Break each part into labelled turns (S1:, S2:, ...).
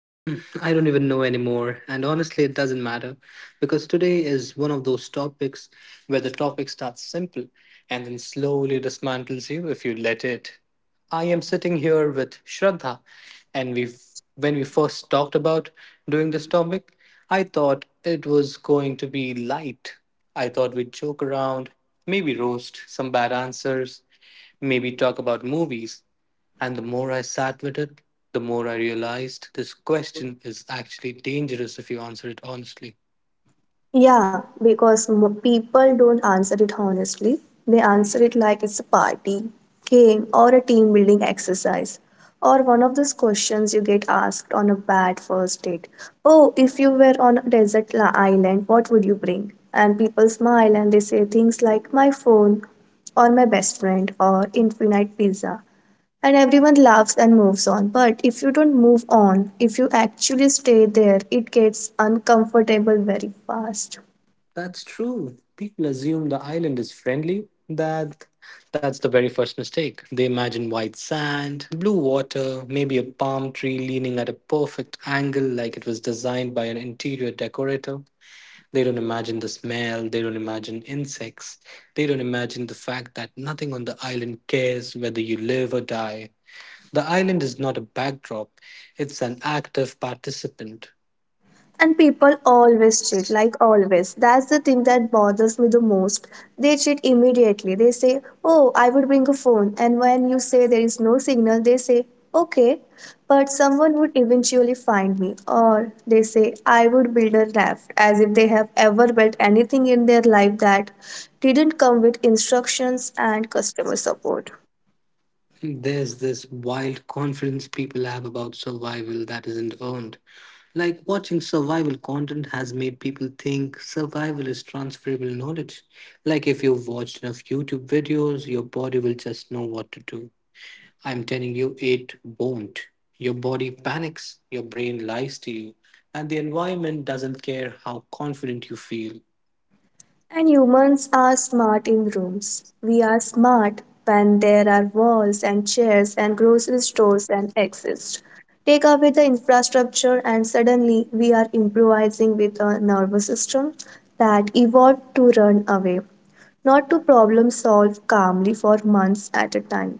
S1: I don't even know anymore. And honestly, it doesn't matter because today is one of those topics where the topic starts simple and then slowly dismantles you if you let it. I am sitting here with Shraddha, and we when we first talked about doing this topic, I thought it was going to be light. I thought we'd joke around, maybe roast some bad answers, maybe talk about movies. And the more I sat with it, the more I realized this question is actually dangerous if you answer it honestly.
S2: Yeah, because people don't answer it honestly. They answer it like it's a party, game, or a team building exercise. Or one of those questions you get asked on a bad first date. Oh, if you were on a desert island, what would you bring? And people smile and they say things like my phone, or my best friend, or infinite pizza. And everyone laughs and moves on. But if you don't move on, if you actually stay there, it gets uncomfortable very fast.
S1: That's true. People assume the island is friendly. That's the very first mistake. They imagine white sand, blue water, maybe a palm tree leaning at a perfect angle like it was designed by an interior decorator. They don't imagine the smell, they don't imagine insects, they don't imagine the fact that nothing on the island cares whether you live or die. The island is not a backdrop, it's an active participant.
S2: And people always cheat, like always, that's the thing that bothers me the most. They cheat immediately, they say oh, I would bring a phone, and when you say there is no signal, they say okay, but someone would eventually find me. Or they say I would build a raft, as if they have ever built anything in their life that didn't come with instructions and customer support.
S1: There's this wild confidence people have about survival that isn't earned. Like watching survival content has made people think survival is transferable knowledge. Like if you've watched enough YouTube videos, your body will just know what to do. I'm telling you, it won't. Your body panics, your brain lies to you, and the environment doesn't care how confident you feel.
S2: And humans are smart in rooms. We are smart when there are walls and chairs and grocery stores and exits. Take away the infrastructure, and suddenly we are improvising with a nervous system that evolved to run away, not to problem solve calmly for months at a time.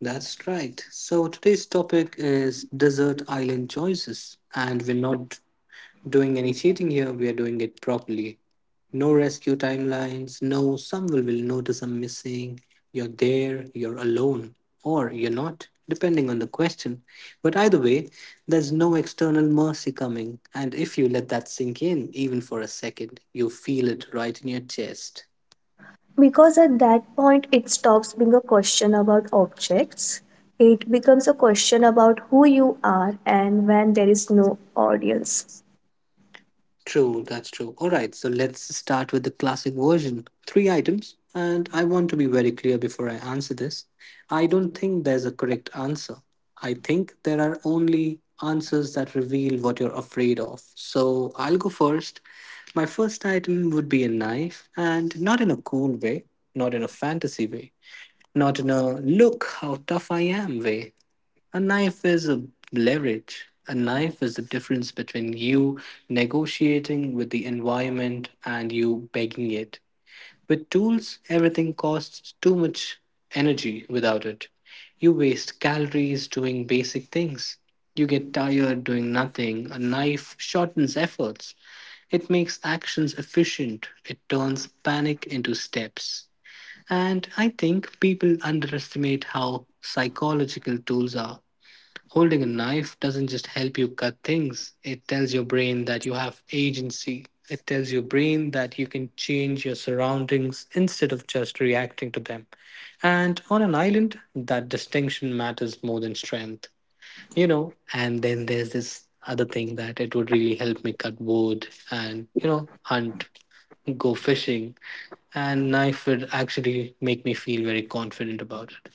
S1: That's right. So today's topic is desert island choices, and we're not doing any cheating here, we are doing it properly. No rescue timelines, no someone will notice I'm missing, you're there, you're alone, or you're not, depending on the question. But either way, there's no external mercy coming, and if you let that sink in, even for a second, you feel it right in your chest.
S2: Because at that point it stops being a question about objects, it becomes a question about who you are and when there is no audience.
S1: True, that's true. All right, so let's start with the classic version. Three items, and I want to be very clear before I answer this. I don't think there's a correct answer. I think there are only answers that reveal what you're afraid of. So I'll go first. My first item would be a knife, and not in a cool way, not in a fantasy way, not in a look how tough I am way. A knife is a leverage. A knife is the difference between you negotiating with the environment and you begging it. With tools, everything costs too much energy without it. You waste calories doing basic things. You get tired doing nothing. A knife shortens efforts. It makes actions efficient. It turns panic into steps. And I think people underestimate how psychological tools are. Holding a knife doesn't just help you cut things, it tells your brain that you have agency. It tells your brain that you can change your surroundings instead of just reacting to them. And on an island, that distinction matters more than strength, you know. And then there's this other thing that it would really help me cut wood and, you know, hunt, go fishing. And knife would actually make me feel very confident about it.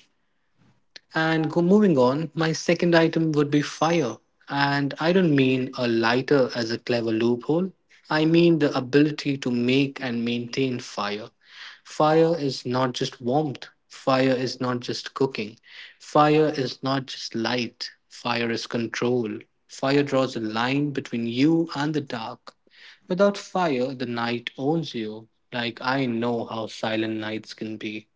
S1: And go moving on, my second item would be fire. And I don't mean a lighter as a clever loophole. I mean the ability to make and maintain fire. Fire is not just warmth. Fire is not just cooking. Fire is not just light. Fire is control. Fire draws a line between you and the dark. Without fire, the night owns you. Like I know how silent nights can be.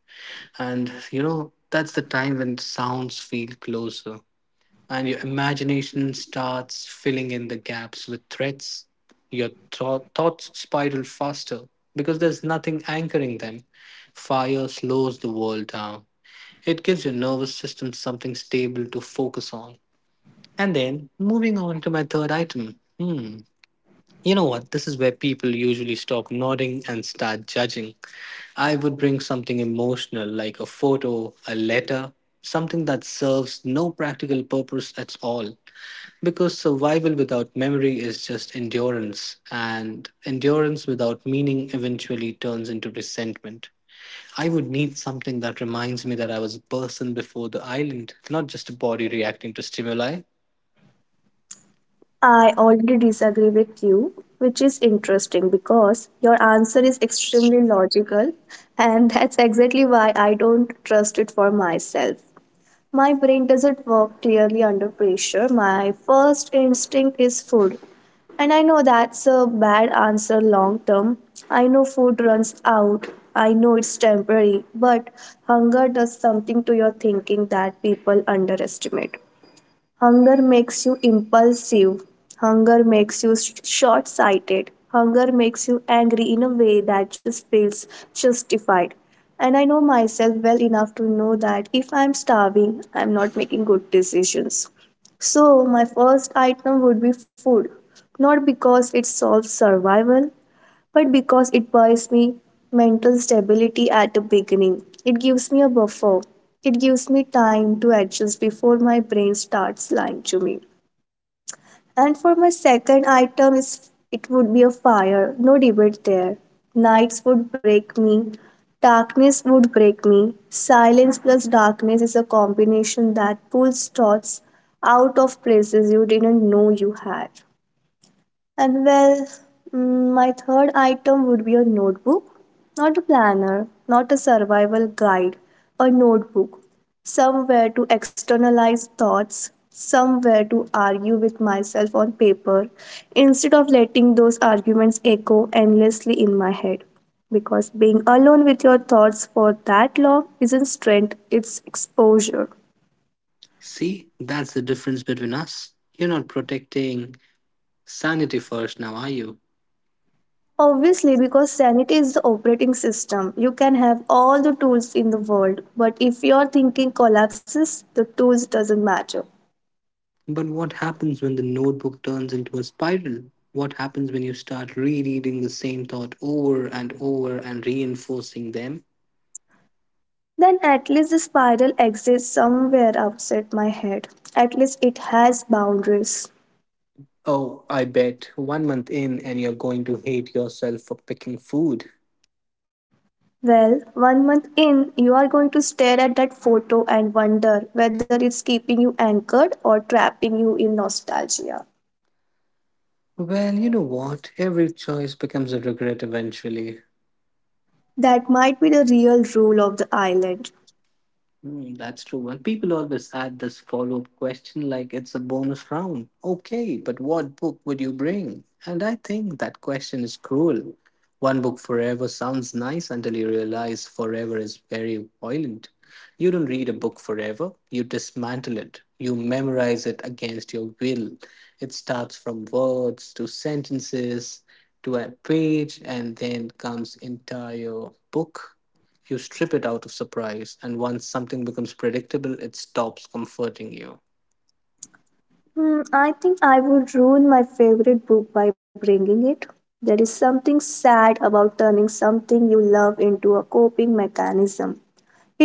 S1: And you know, that's the time when sounds feel closer and your imagination starts filling in the gaps with threats. Your thoughts spiral faster because there's nothing anchoring them. Fire slows the world down. It gives your nervous system something stable to focus on. And then moving on to my third item. Hmm. You know what? This is where people usually stop nodding and start judging. I would bring something emotional like a photo, a letter, something that serves no practical purpose at all. Because survival without memory is just endurance, and endurance without meaning eventually turns into resentment. I would need something that reminds me that I was a person before the island, not just a body reacting to stimuli.
S2: I already disagree with you, which is interesting because your answer is extremely logical, and that's exactly why I don't trust it for myself. My brain doesn't work clearly under pressure. My first instinct is food. And I know that's a bad answer long term. I know food runs out. I know it's temporary, but hunger does something to your thinking that people underestimate. Hunger makes you impulsive. Hunger makes you short sighted. Hunger makes you angry in a way that just feels justified. And I know myself well enough to know that if I'm starving, I'm not making good decisions. So, my first item would be food. Not because it solves survival, but because it buys me mental stability at the beginning. It gives me a buffer. It gives me time to adjust before my brain starts lying to me. And for my second item, is it would be a fire, no debate there. Nights would break me, darkness would break me. Silence plus darkness is a combination that pulls thoughts out of places you didn't know you had. And well, my third item would be a notebook. Not a planner, not a survival guide, a notebook. Somewhere to externalize thoughts, somewhere to argue with myself on paper, instead of letting those arguments echo endlessly in my head. Because being alone with your thoughts for that long isn't strength, it's exposure.
S1: See, that's the difference between us. You're not protecting sanity first now, are you?
S2: Obviously, because sanity is the operating system. You can have all the tools in the world, but if your thinking collapses, the tools doesn't matter.
S1: But what happens when the notebook turns into a spiral? What happens when you start rereading the same thought over and over and reinforcing them?
S2: Then at least the spiral exists somewhere outside my head. At least it has boundaries.
S1: Oh, I bet. One month in, and you're going to hate yourself for picking food.
S2: Well, one month in, you are going to stare at that photo and wonder whether it's keeping you anchored or trapping you in nostalgia.
S1: Well, you know what? Every choice becomes a regret eventually.
S2: That might be the real rule of the island.
S1: Mm, that's true. And people always add this follow up question like it's a bonus round. Okay, but what book would you bring? And I think that question is cruel. One book forever sounds nice until you realize forever is very violent. You don't read a book forever, you dismantle it, you memorize it against your will. It starts from words to sentences to a page and then comes entire book. You strip it out of surprise, and once something becomes predictable, it stops comforting you.
S2: Hmm, I think I would ruin my favorite book by bringing it. There is something sad about turning something you love into a coping mechanism.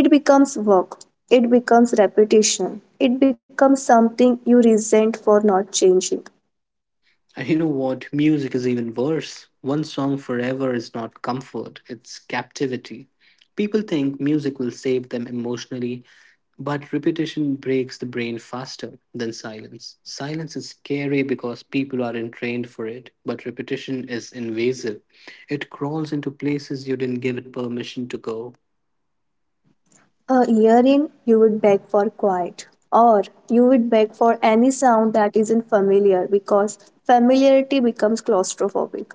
S2: It becomes work, it becomes repetition, it becomes something you resent for not changing.
S1: And you know what? Music is even worse. One song forever is not comfort, it's captivity. People think music will save them emotionally, but repetition breaks the brain faster than silence. Silence is scary because people aren't trained for it, but repetition is invasive. It crawls into places you didn't give it permission to go.
S2: A year in, you would beg for quiet, or you would beg for any sound that isn't familiar because familiarity becomes claustrophobic.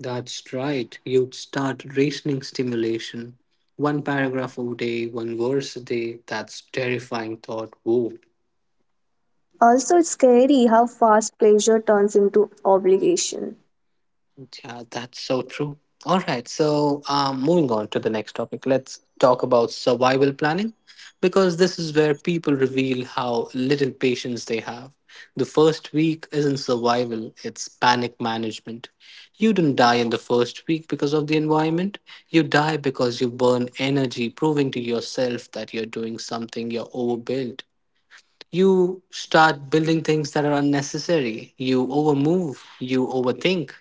S1: That's right. You'd start reasoning stimulation. One paragraph a day, one verse a day. That's terrifying thought. Whoa.
S2: Also, it's scary how fast pleasure turns into obligation.
S1: Yeah, that's so true. All right, so moving on to the next topic, let's talk about survival planning because this is where people reveal how little patience they have. The first week isn't survival, it's panic management. You don't die in the first week because of the environment, you die because you burn energy proving to yourself that you're doing something. You're overbuilt, you start building things that are unnecessary. You overmove, you overthink.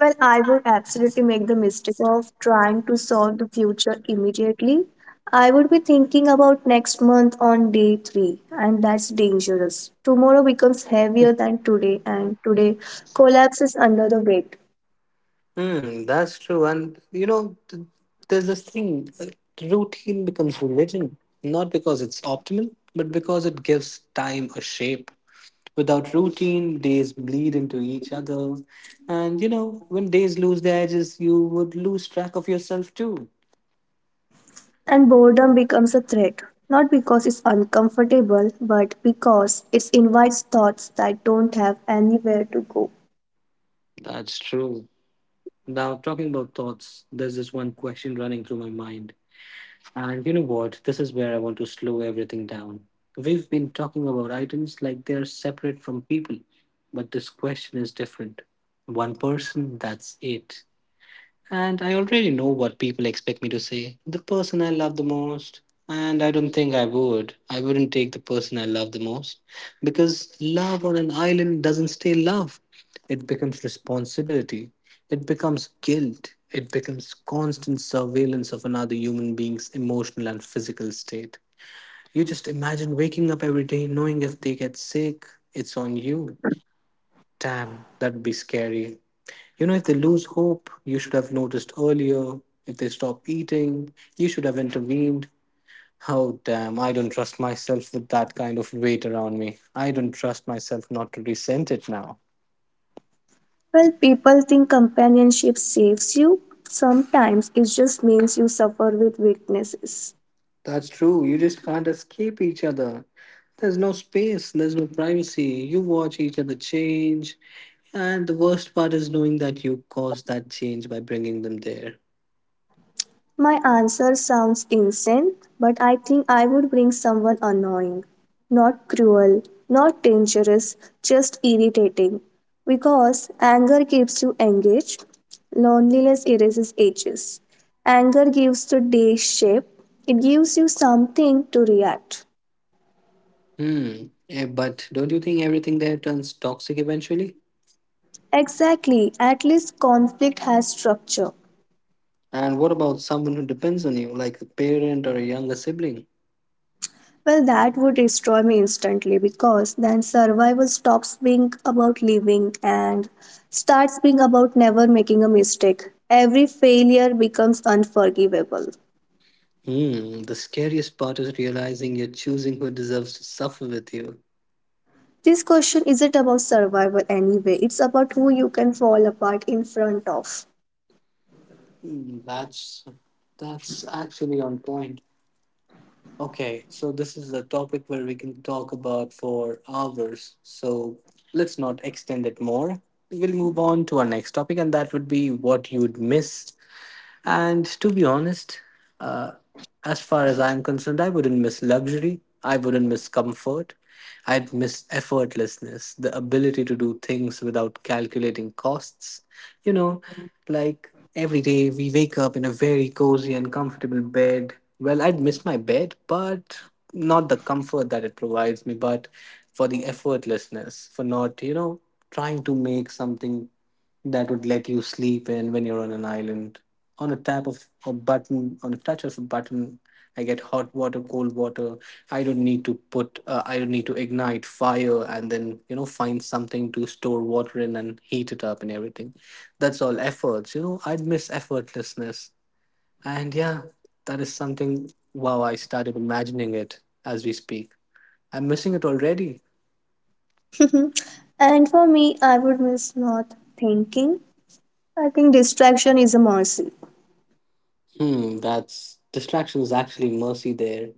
S2: Well, I would absolutely make the mistake of trying to solve the future immediately. I would be thinking about next month on day three, and that's dangerous. Tomorrow becomes heavier than today, and today collapses under the weight.
S1: Hmm, that's true. And you know, there's this thing, routine becomes religion, not because it's optimal, but because it gives time a shape. Without routine, days bleed into each other. And you know, when days lose their edges, you would lose track of yourself too.
S2: And boredom becomes a threat, not because it's uncomfortable, but because it invites thoughts that don't have anywhere to go.
S1: That's true. Now, talking about thoughts, there's this one question running through my mind. And you know what? This is where I want to slow everything down. We've been talking about items like they're separate from people, but this question is different. One person, that's it. And I already know what people expect me to say. The person I love the most. And I don't think I would. I wouldn't take the person I love the most. Because love on an island doesn't stay love, it becomes responsibility, it becomes guilt, it becomes constant surveillance of another human being's emotional and physical state. You just imagine waking up every day knowing if they get sick, it's on you. Damn, that'd be scary. You know, if they lose hope, you should have noticed earlier. If they stop eating, you should have intervened. Oh, damn, I don't trust myself with that kind of weight around me. I don't trust myself not to resent it now.
S2: Well, people think companionship saves you. Sometimes it just means you suffer with weaknesses.
S1: That's true. You just can't escape each other. There's no space, there's no privacy. You watch each other change. And the worst part is knowing that you caused that change by bringing them there.
S2: My answer sounds insane, but I think I would bring someone annoying. Not cruel, not dangerous, just irritating. Because anger keeps you engaged, loneliness erases edges. Anger gives the day shape, it gives you something to react.
S1: Hmm. But don't you think everything there turns toxic eventually?
S2: Exactly, at least conflict has structure.
S1: And what about someone who depends on you, like a parent or a younger sibling?
S2: Well, that would destroy me instantly because then survival stops being about living and starts being about never making a mistake. Every failure becomes unforgivable.
S1: Hmm, the scariest part is realizing you're choosing who deserves to suffer with you.
S2: This question isn't about survival anyway, it's about who you can fall apart in front of.
S1: Hmm, that's actually on point. Okay, so this is a topic where we can talk about for hours. So let's not extend it more. We'll move on to our next topic, and that would be what you would miss. And to be honest, uh, as far as I'm concerned, I wouldn't miss luxury. I wouldn't miss comfort. I'd miss effortlessness, the ability to do things without calculating costs. You know, like every day we wake up in a very cozy and comfortable bed. Well, I'd miss my bed, but not the comfort that it provides me, but for the effortlessness, for not, you know, trying to make something that would let you sleep in when you're on an island. On a tap of a button, on a touch of a button, I get hot water, cold water. I don't need to I don't need to ignite fire and then, you know, find something to store water in and heat it up and everything. That's all efforts, you know, I'd miss effortlessness. And yeah, that is something, wow, I started imagining it as we speak. I'm missing it already.
S2: And for me, I would miss not thinking. I think distraction is a mercy.
S1: Hmm, that's distraction is actually mercy there.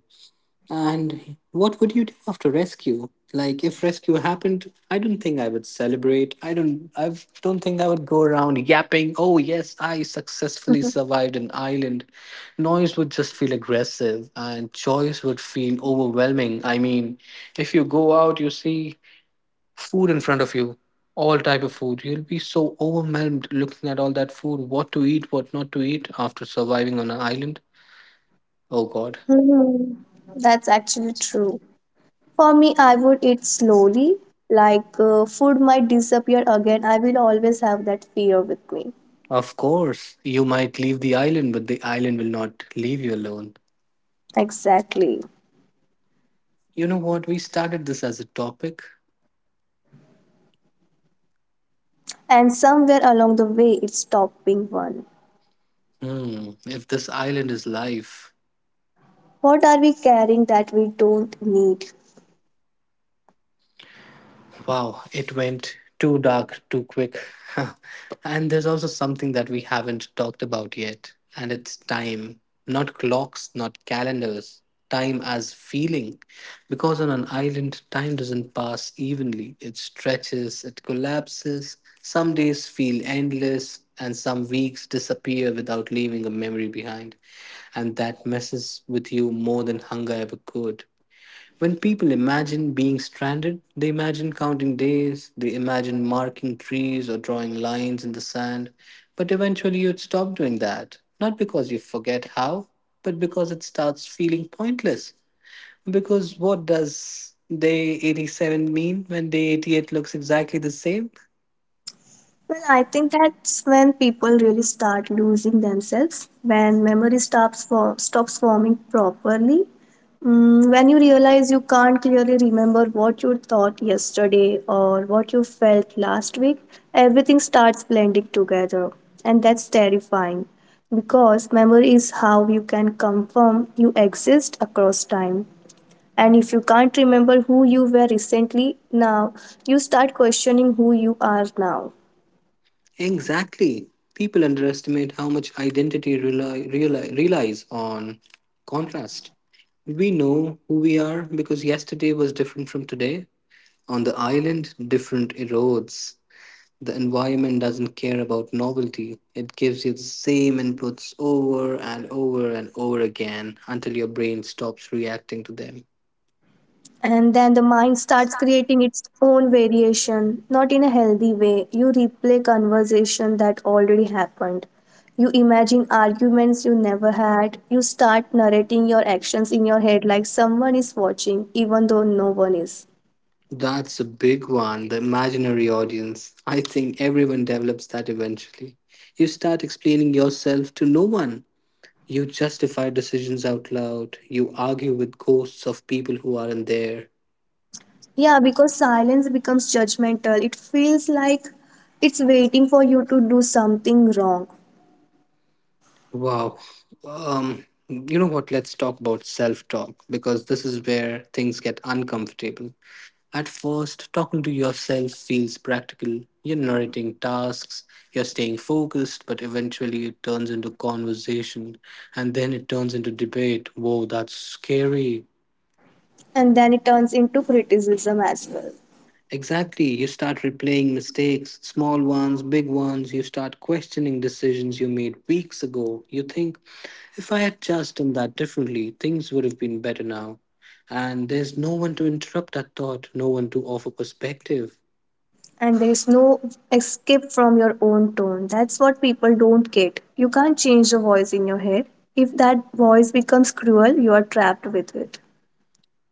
S1: And what would you do after rescue? Like if rescue happened, I don't think I would celebrate. I don't think I would go around yapping, "Oh yes, I successfully survived an island." Noise would just feel aggressive and choice would feel overwhelming. I mean, if you go out, you see food in front of you, all type of food. You'll be so overwhelmed looking at all that food, what to eat, what not to eat after surviving on an island. Oh god.
S2: That's actually true. For me, I would eat slowly, like food might disappear again. I will always have that fear with me.
S1: Of course, you might leave the island, but the island will not leave you alone.
S2: Exactly.
S1: You know what? We started this as a topic.
S2: And somewhere along the way, it's stopping one.
S1: Hmm, if this island is life.
S2: What are we carrying that we don't need?
S1: Wow, it went too dark too quick. And there's also something that we haven't talked about yet, and it's time. Not clocks, not calendars. Time as feeling. Because on an island, time doesn't pass evenly. It stretches, it collapses. Some days feel endless, and some weeks disappear without leaving a memory behind. And that messes with you more than hunger ever could. When people imagine being stranded, they imagine counting days, they imagine marking trees or drawing lines in the sand. But eventually you'd stop doing that, not because you forget how, but because it starts feeling pointless. Because what does day 87 mean when day 88 looks exactly the same?
S2: Well, I think that's when people really start losing themselves, when memory stops forming properly. Mm, when you realize you can't clearly remember what you thought yesterday or what you felt last week, everything starts blending together. And that's terrifying because memory is how you can confirm you exist across time. And if you can't remember who you were recently, now you start questioning who you are now.
S1: Exactly. People underestimate how much identity relies on contrast. We know who we are because yesterday was different from today. On the island, different erodes. The environment doesn't care about novelty. It gives you the same inputs over and over and over again until your brain stops reacting to them.
S2: And then the mind starts creating its own variation, not in a healthy way. You replay conversation that already happened, you imagine arguments you never had, you start narrating your actions in your head like someone is watching, even though no one is.
S1: That's a big one, the imaginary audience. I think everyone develops that eventually. You start explaining yourself to no one. You justify decisions out loud. You argue with ghosts of people who aren't there.
S2: Yeah, because silence becomes judgmental, it feels like it's waiting for you to do something wrong.
S1: Wow. You know what? Let's talk about self talk because this is where things get uncomfortable. At first, talking to yourself feels practical. You're narrating tasks, you're staying focused, but eventually it turns into conversation and then it turns into debate. Whoa, that's scary.
S2: And then it turns into criticism as well.
S1: Exactly. You start replaying mistakes, small ones, big ones. You start questioning decisions you made weeks ago. You think, if I had just done that differently, things would have been better now. And there's no one to interrupt that thought, no one to offer perspective.
S2: And there is no escape from your own tone. That's what people don't get. You can't change the voice in your head. If that voice becomes cruel, you are trapped with it.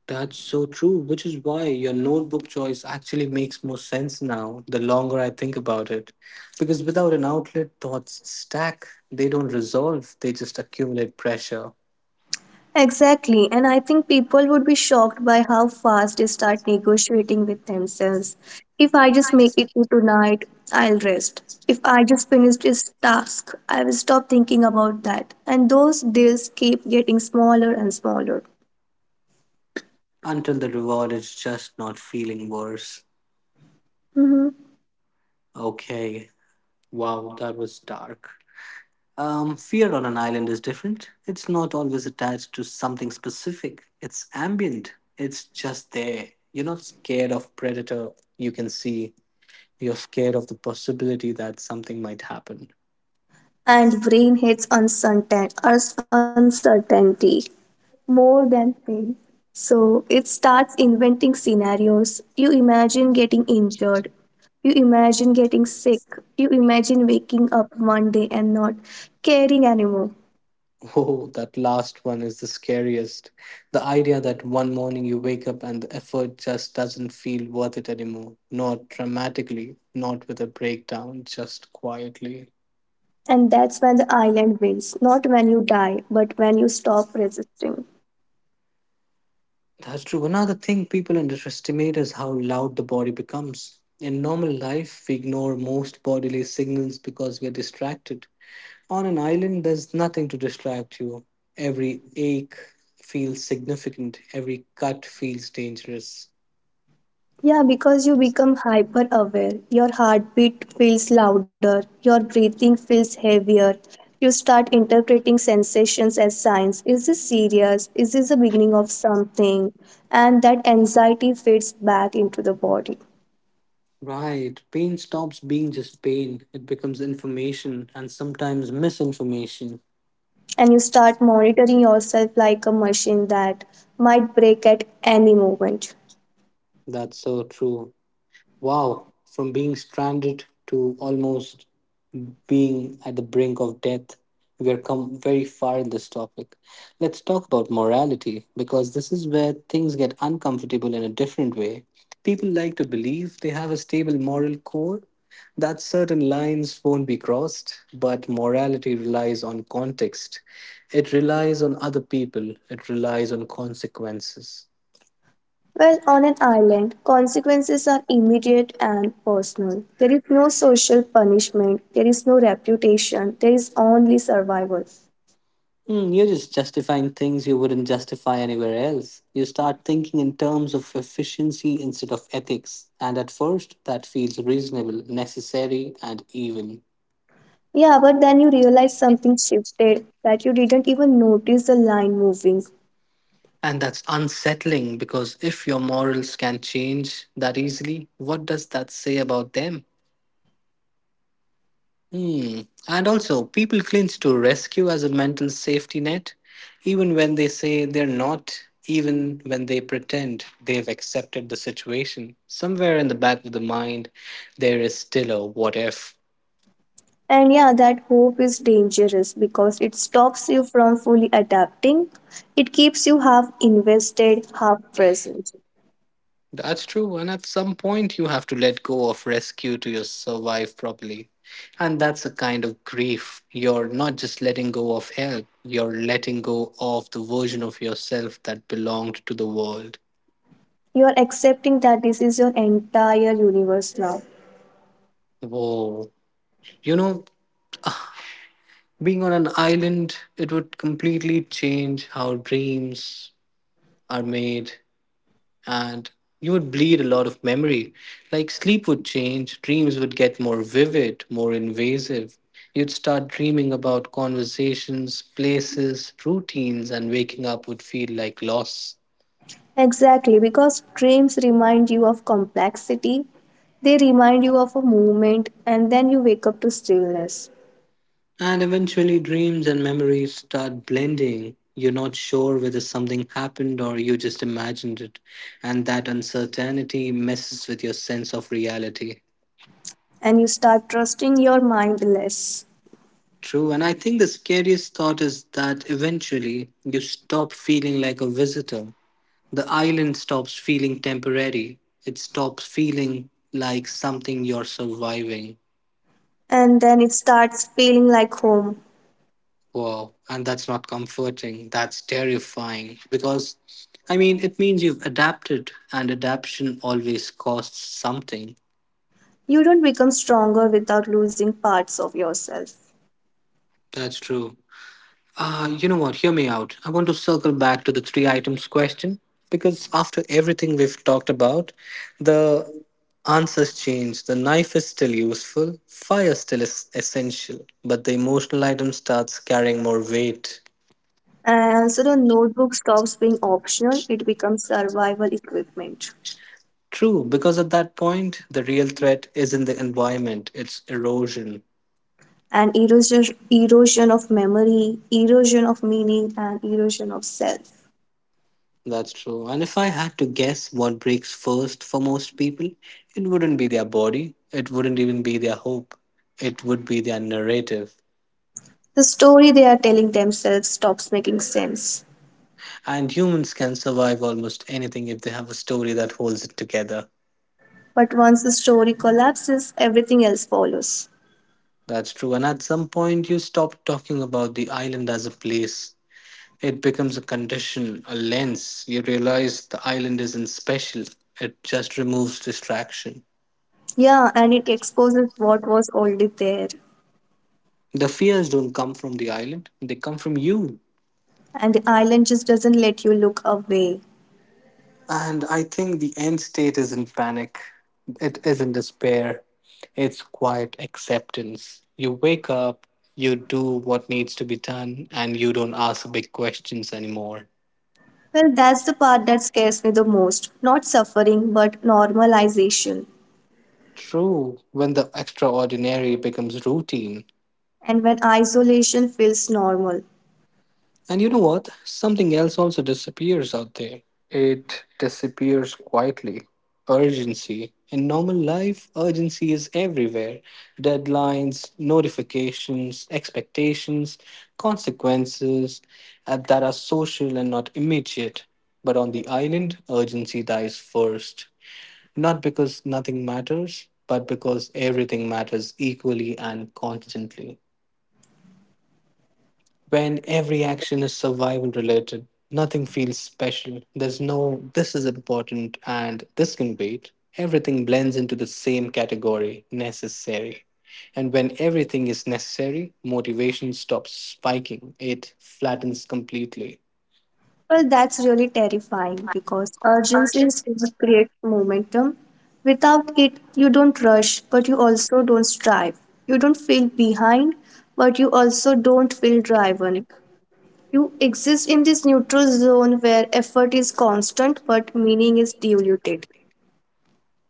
S1: That's so true, which is why your notebook choice actually makes more sense now the longer I think about it. Because without an outlet, thoughts stack, they don't resolve, they just accumulate pressure.
S2: Exactly, and I think people would be shocked by how fast they start negotiating with themselves. If I just make it to tonight, I'll rest. If I just finish this task, I will stop thinking about that. And those deals keep getting smaller and smaller.
S1: Until the reward is just not feeling worse.
S2: Mhm.
S1: Okay. Wow, that was dark. Fear on an island is different. It's not always attached to something specific. It's ambient. It's just there. You're not scared of predator you can see. You're scared of the possibility that something might happen.
S2: And brain hates uncertainty more than pain. So it starts inventing scenarios. You imagine getting injured. You imagine getting sick. You imagine waking up one day and not caring anymore.
S1: Oh, that last one is the scariest. The idea that one morning you wake up and the effort just doesn't feel worth it anymore. Not dramatically, not with a breakdown, just quietly.
S2: And that's when the island wins. Not when you die, but when you stop resisting.
S1: That's true. Another thing people underestimate is how loud the body becomes. In normal life, we ignore most bodily signals because we're distracted. On an island, there's nothing to distract you. Every ache feels significant, every cut feels dangerous.
S2: Yeah, because you become hyper aware. Your heartbeat feels louder, your breathing feels heavier. You start interpreting sensations as signs. Is this serious? Is this the beginning of something? And that anxiety fades back into the body.
S1: Right. Pain stops being just pain. It becomes information and sometimes misinformation.
S2: And you start monitoring yourself like a machine that might break at any moment.
S1: That's so true. Wow. From being stranded to almost being at the brink of death. We are come very far in this topic. Let's talk about morality because this is where things get uncomfortable in a different way. People like to believe they have a stable moral core, that certain lines won't be crossed, but morality relies on context. It relies on other people, it relies on consequences.
S2: Well, on an island, consequences are immediate and personal. There is no social punishment, there is no reputation, there is only survival.
S1: Mm, you're just justifying things you wouldn't justify anywhere else. You start thinking in terms of efficiency instead of ethics, and at first, that feels reasonable, necessary, and even.
S2: Yeah, but then you realize something shifted, that you didn't even notice the line moving.
S1: And that's unsettling because if your morals can change that easily, what does that say about them? Hmm. And also, people clinch to rescue as a mental safety net, even when they say they're not, even when they pretend they've accepted the situation. Somewhere in the back of the mind, there is still a what if.
S2: And yeah, that hope is dangerous because it stops you from fully adapting. It keeps you half invested, half present.
S1: That's true, and at some point, you have to let go of rescue to your survive properly. And that's a kind of grief. You're not just letting go of help, you're letting go of the version of yourself that belonged to the world.
S2: You are accepting that this is your entire universe now.
S1: Whoa. You know, being on an island, it would completely change how dreams are made, and you would bleed a lot of memory. Like sleep would change, dreams would get more vivid, more invasive. You'd start dreaming about conversations, places, routines, and waking up would feel like loss.
S2: Exactly, because dreams remind you of complexity, they remind you of a movement, and then you wake up to stillness.
S1: And eventually, dreams and memories start blending. You're not sure whether something happened or you just imagined it. And that uncertainty messes with your sense of reality.
S2: And you start trusting your mind less.
S1: True. And I think the scariest thought is that eventually you stop feeling like a visitor. The island stops feeling temporary, it stops feeling like something you're surviving.
S2: And then it starts feeling like home.
S1: Wow, and that's not comforting, that's terrifying because I mean, it means you've adapted, and adaptation always costs something.
S2: You don't become stronger without losing parts of yourself.
S1: That's true. You know what? Hear me out. I want to circle back to the three items question because after everything we've talked about, the answers change. The knife is still useful, fire still is essential, but the emotional item starts carrying more weight.
S2: And also, the notebook stops being optional, it becomes survival equipment.
S1: True, because at that point, the real threat isn't the environment, it's erosion.
S2: And erosion, erosion of memory, erosion of meaning, and erosion of self.
S1: That's true. And if I had to guess what breaks first for most people, it wouldn't be their body, it wouldn't even be their hope, it would be their narrative.
S2: The story they are telling themselves stops making sense.
S1: And humans can survive almost anything if they have a story that holds it together.
S2: But once the story collapses, everything else follows.
S1: That's true. And at some point, you stop talking about the island as a place. It becomes a condition, a lens. You realize the island isn't special, it just removes distraction.
S2: Yeah, and it exposes what was already there.
S1: The fears don't come from the island, they come from you.
S2: And the island just doesn't let you look away.
S1: And I think the end state isn't panic, it isn't despair, it's quiet acceptance. You wake up, you do what needs to be done, and you don't ask big questions anymore.
S2: Well, that's the part that scares me the most. Not suffering, but normalization.
S1: True, when the extraordinary becomes routine.
S2: And when isolation feels normal,
S1: And you know what? Something else also disappears out there. It disappears quietly. Urgency. In normal life, urgency is everywhere: deadlines, notifications, expectations, consequences that are social and not immediate. But on the island, urgency dies first. Not because nothing matters, but because everything matters equally and constantly. When every action is survival related, nothing feels special. There's no this is important and this can wait. Everything blends into the same category necessary. And when everything is necessary, motivation stops spiking, it flattens completely.
S2: well, that's really terrifying because urgency is what creates momentum. Without it, you don't rush, but you also don't strive. You don't feel behind, but you also don't feel driven. You exist in this neutral zone where effort is constant but meaning is diluted.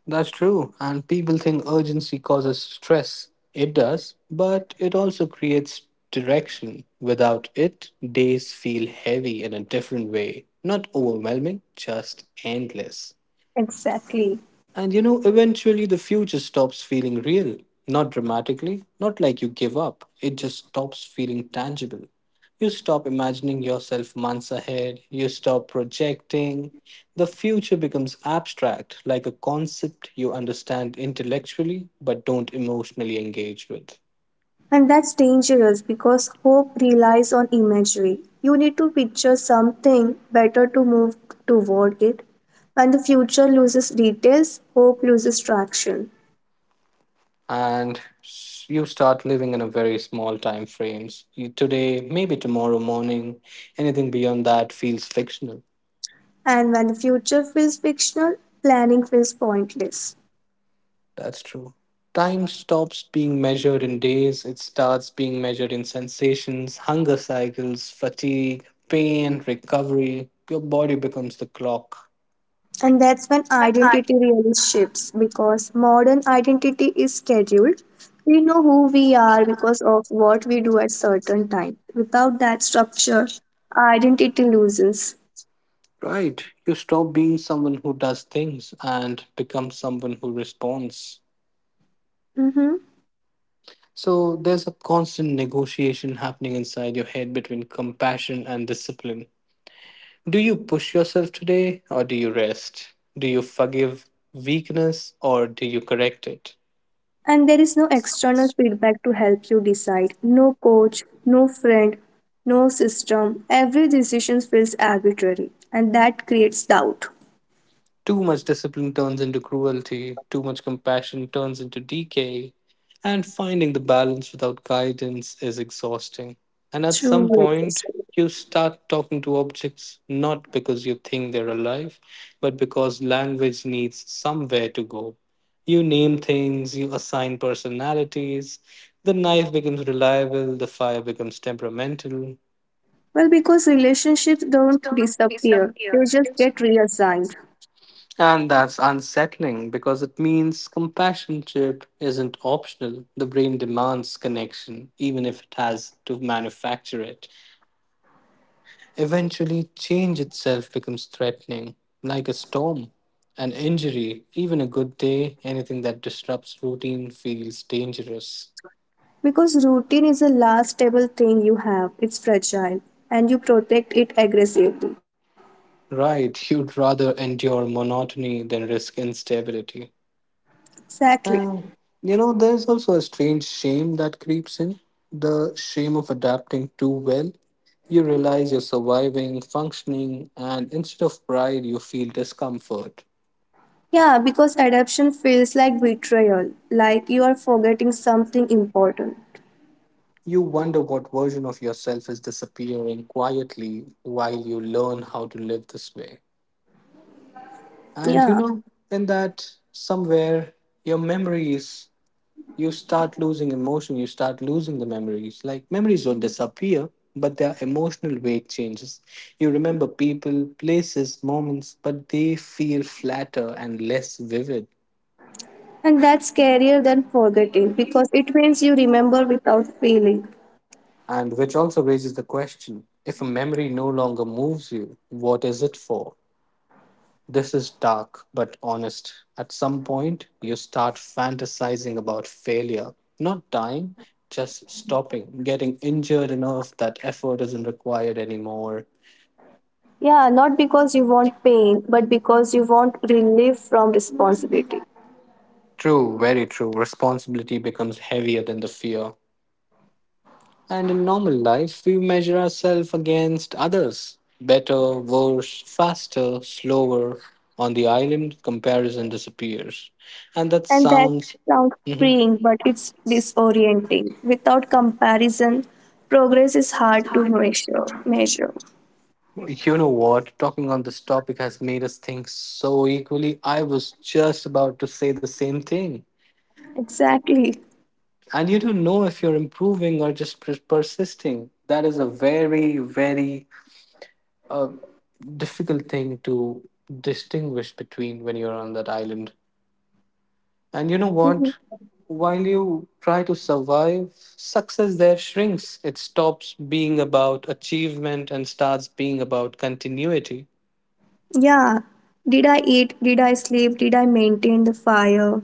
S1: That's true. And people think urgency causes stress. It does, but it also creates direction. Without it, days feel heavy in a different way. Not overwhelming, just endless.
S2: Exactly.
S1: And you know, eventually the future stops feeling real. Not dramatically, not like you give up. It just stops feeling tangible. You stop imagining yourself months ahead. You stop projecting. The future becomes abstract, like a concept you understand intellectually but don't emotionally engage with.
S2: And that's dangerous because hope relies on imagery. You need to picture something better to move toward it. When the future loses details, hope loses traction.
S1: You start living in a very small time frames. You, today, maybe tomorrow morning, anything beyond that feels fictional.
S2: And when the future feels fictional, planning feels pointless.
S1: That's true. Time stops being measured in days, it starts being measured in sensations, hunger cycles, fatigue, pain, recovery. Your body becomes the clock.
S2: And that's when identity really shifts because modern identity is scheduled. We know who we are because of what we do at certain times. Without that structure, identity loosens.
S1: Right. You stop being someone who does things and become someone who responds.
S2: Mhm.
S1: So there's a constant negotiation happening inside your head between compassion and discipline. Do you push yourself today or do you rest? Do you forgive weakness or do you correct it?
S2: And there is no external feedback to help you decide. No coach, no friend, no system. Every decision feels arbitrary, and that creates doubt.
S1: Too much discipline turns into cruelty, too much compassion turns into decay, and finding the balance without guidance is exhausting. And at some
S2: Truly
S1: point,
S2: existing.
S1: you start talking to objects not because you think they're alive, but because language needs somewhere to go. You name things, you assign personalities, the knife becomes reliable, the fire becomes temperamental.
S2: Well, because relationships don't disappear, they just get reassigned.
S1: And that's unsettling because it means compassion chip isn't optional. The brain demands connection, even if it has to manufacture it. Eventually, change itself becomes threatening, like a storm, an injury, even a good day. Anything that disrupts routine feels dangerous.
S2: Because routine is the last stable thing you have, it's fragile, and you protect it aggressively.
S1: Right, you'd rather endure monotony than risk instability.
S2: Exactly.
S1: Uh, you know, there's also a strange shame that creeps in, the shame of adapting too well. You realize you're surviving, functioning, and instead of pride, you feel discomfort.
S2: Yeah, because adoption feels like betrayal, like you are forgetting something important.
S1: You wonder what version of yourself is disappearing quietly while you learn how to live this way. And you
S2: Yeah.
S1: know, in that somewhere, your memories, you start losing emotion, you start losing the memories. Like memories don't disappear, but their emotional weight changes. You remember people, places, moments, but they feel flatter and less vivid.
S2: And that's scarier than forgetting because it means you remember without feeling.
S1: And which also raises the question if a memory no longer moves you, what is it for? This is dark but honest. At some point, you start fantasizing about failure, not dying, just stopping, getting injured enough that effort isn't required anymore.
S2: Yeah, not because you want pain, but because you want relief from responsibility.
S1: True, very true. Responsibility becomes heavier than the fear. And in normal life, we measure ourselves against others better, worse, faster, slower. On the island, comparison disappears. And that
S2: And that
S1: sounds.
S2: sounds
S1: Mhm.
S2: freeing, but it's disorienting. Without comparison, progress is hard to measure.
S1: You know what? Talking on this topic has made us think so equally. I was just about to say the same thing.
S2: Exactly.
S1: And you don't know if you're improving or just persisting. That is a very, very a difficult thing to distinguish between when you're on that island. And you know what? While you try to survive, success there shrinks. It stops being about achievement and starts being about continuity.
S2: Yeah. Did I eat? Did I sleep? Did I maintain the fire?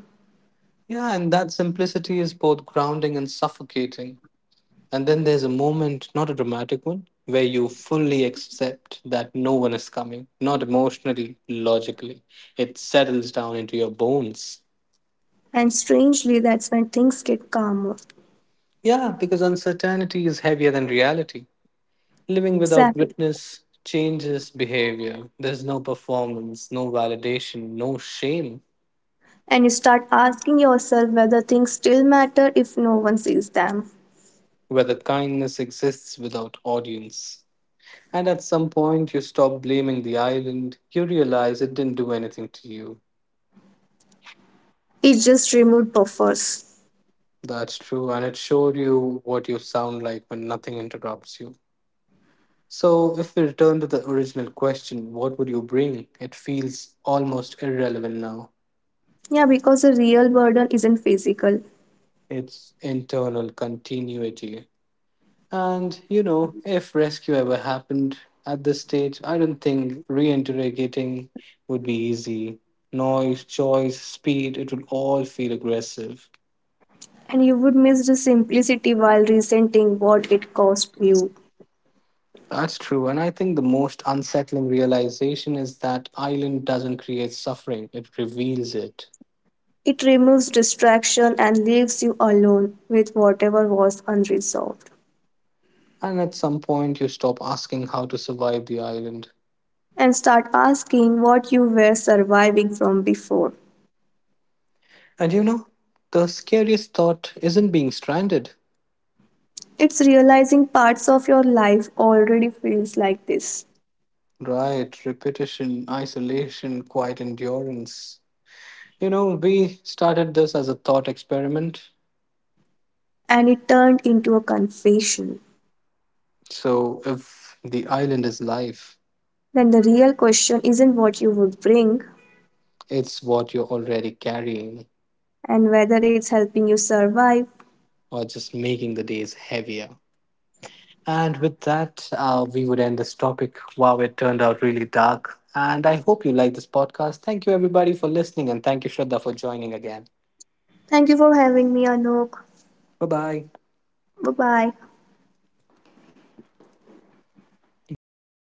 S1: Yeah, and that simplicity is both grounding and suffocating. And then there's a moment, not a dramatic one, where you fully accept that no one is coming, not emotionally, logically. It settles down into your bones.
S2: And strangely, that's when things get calmer.
S1: Yeah, because uncertainty is heavier than reality. Living without
S2: Exactly.
S1: witness changes behavior. There's no performance, no validation, no shame,
S2: And you start asking yourself whether things still matter if no one sees them.
S1: whether kindness exists without audience. And at some point, you stop blaming the island. You realize it didn't do anything to you.
S2: It just removed buffers.
S1: That's true, and it showed you what you sound like when nothing interrupts you. So, if we return to the original question, what would you bring? It feels almost irrelevant now.
S2: Yeah, because the real burden isn't physical,
S1: Its internal continuity. And you know, if rescue ever happened at this stage, I don't think reinterrogating would be easy. Noise, choice, speed, it would all feel aggressive.
S2: and you would miss the simplicity while resenting what it cost you.
S1: That's true, and I think the most unsettling realization is that island doesn't create suffering, it reveals it.
S2: It removes distraction and leaves you alone with whatever was unresolved.
S1: And at some point, you stop asking how to survive the island.
S2: And start asking what you were surviving from before.
S1: And you know, the scariest thought isn't being stranded,
S2: It's realizing parts of your life already feels like this,
S1: right, repetition, isolation, quiet endurance. You know, we started this as a thought experiment.
S2: and it turned into a confession.
S1: So, if the island is life,
S2: Then the real question isn't what you would bring
S1: it's what you're already carrying
S2: and whether it's helping you survive.
S1: or just making the days heavier. And with that, we would end this topic. Wow, it turned out really dark. And I hope you like this podcast. Thank you, everybody, for listening. And thank you, Shraddha, for joining again.
S2: Thank you for having me, Anok.
S1: Bye bye.
S2: Bye bye.
S1: Bro.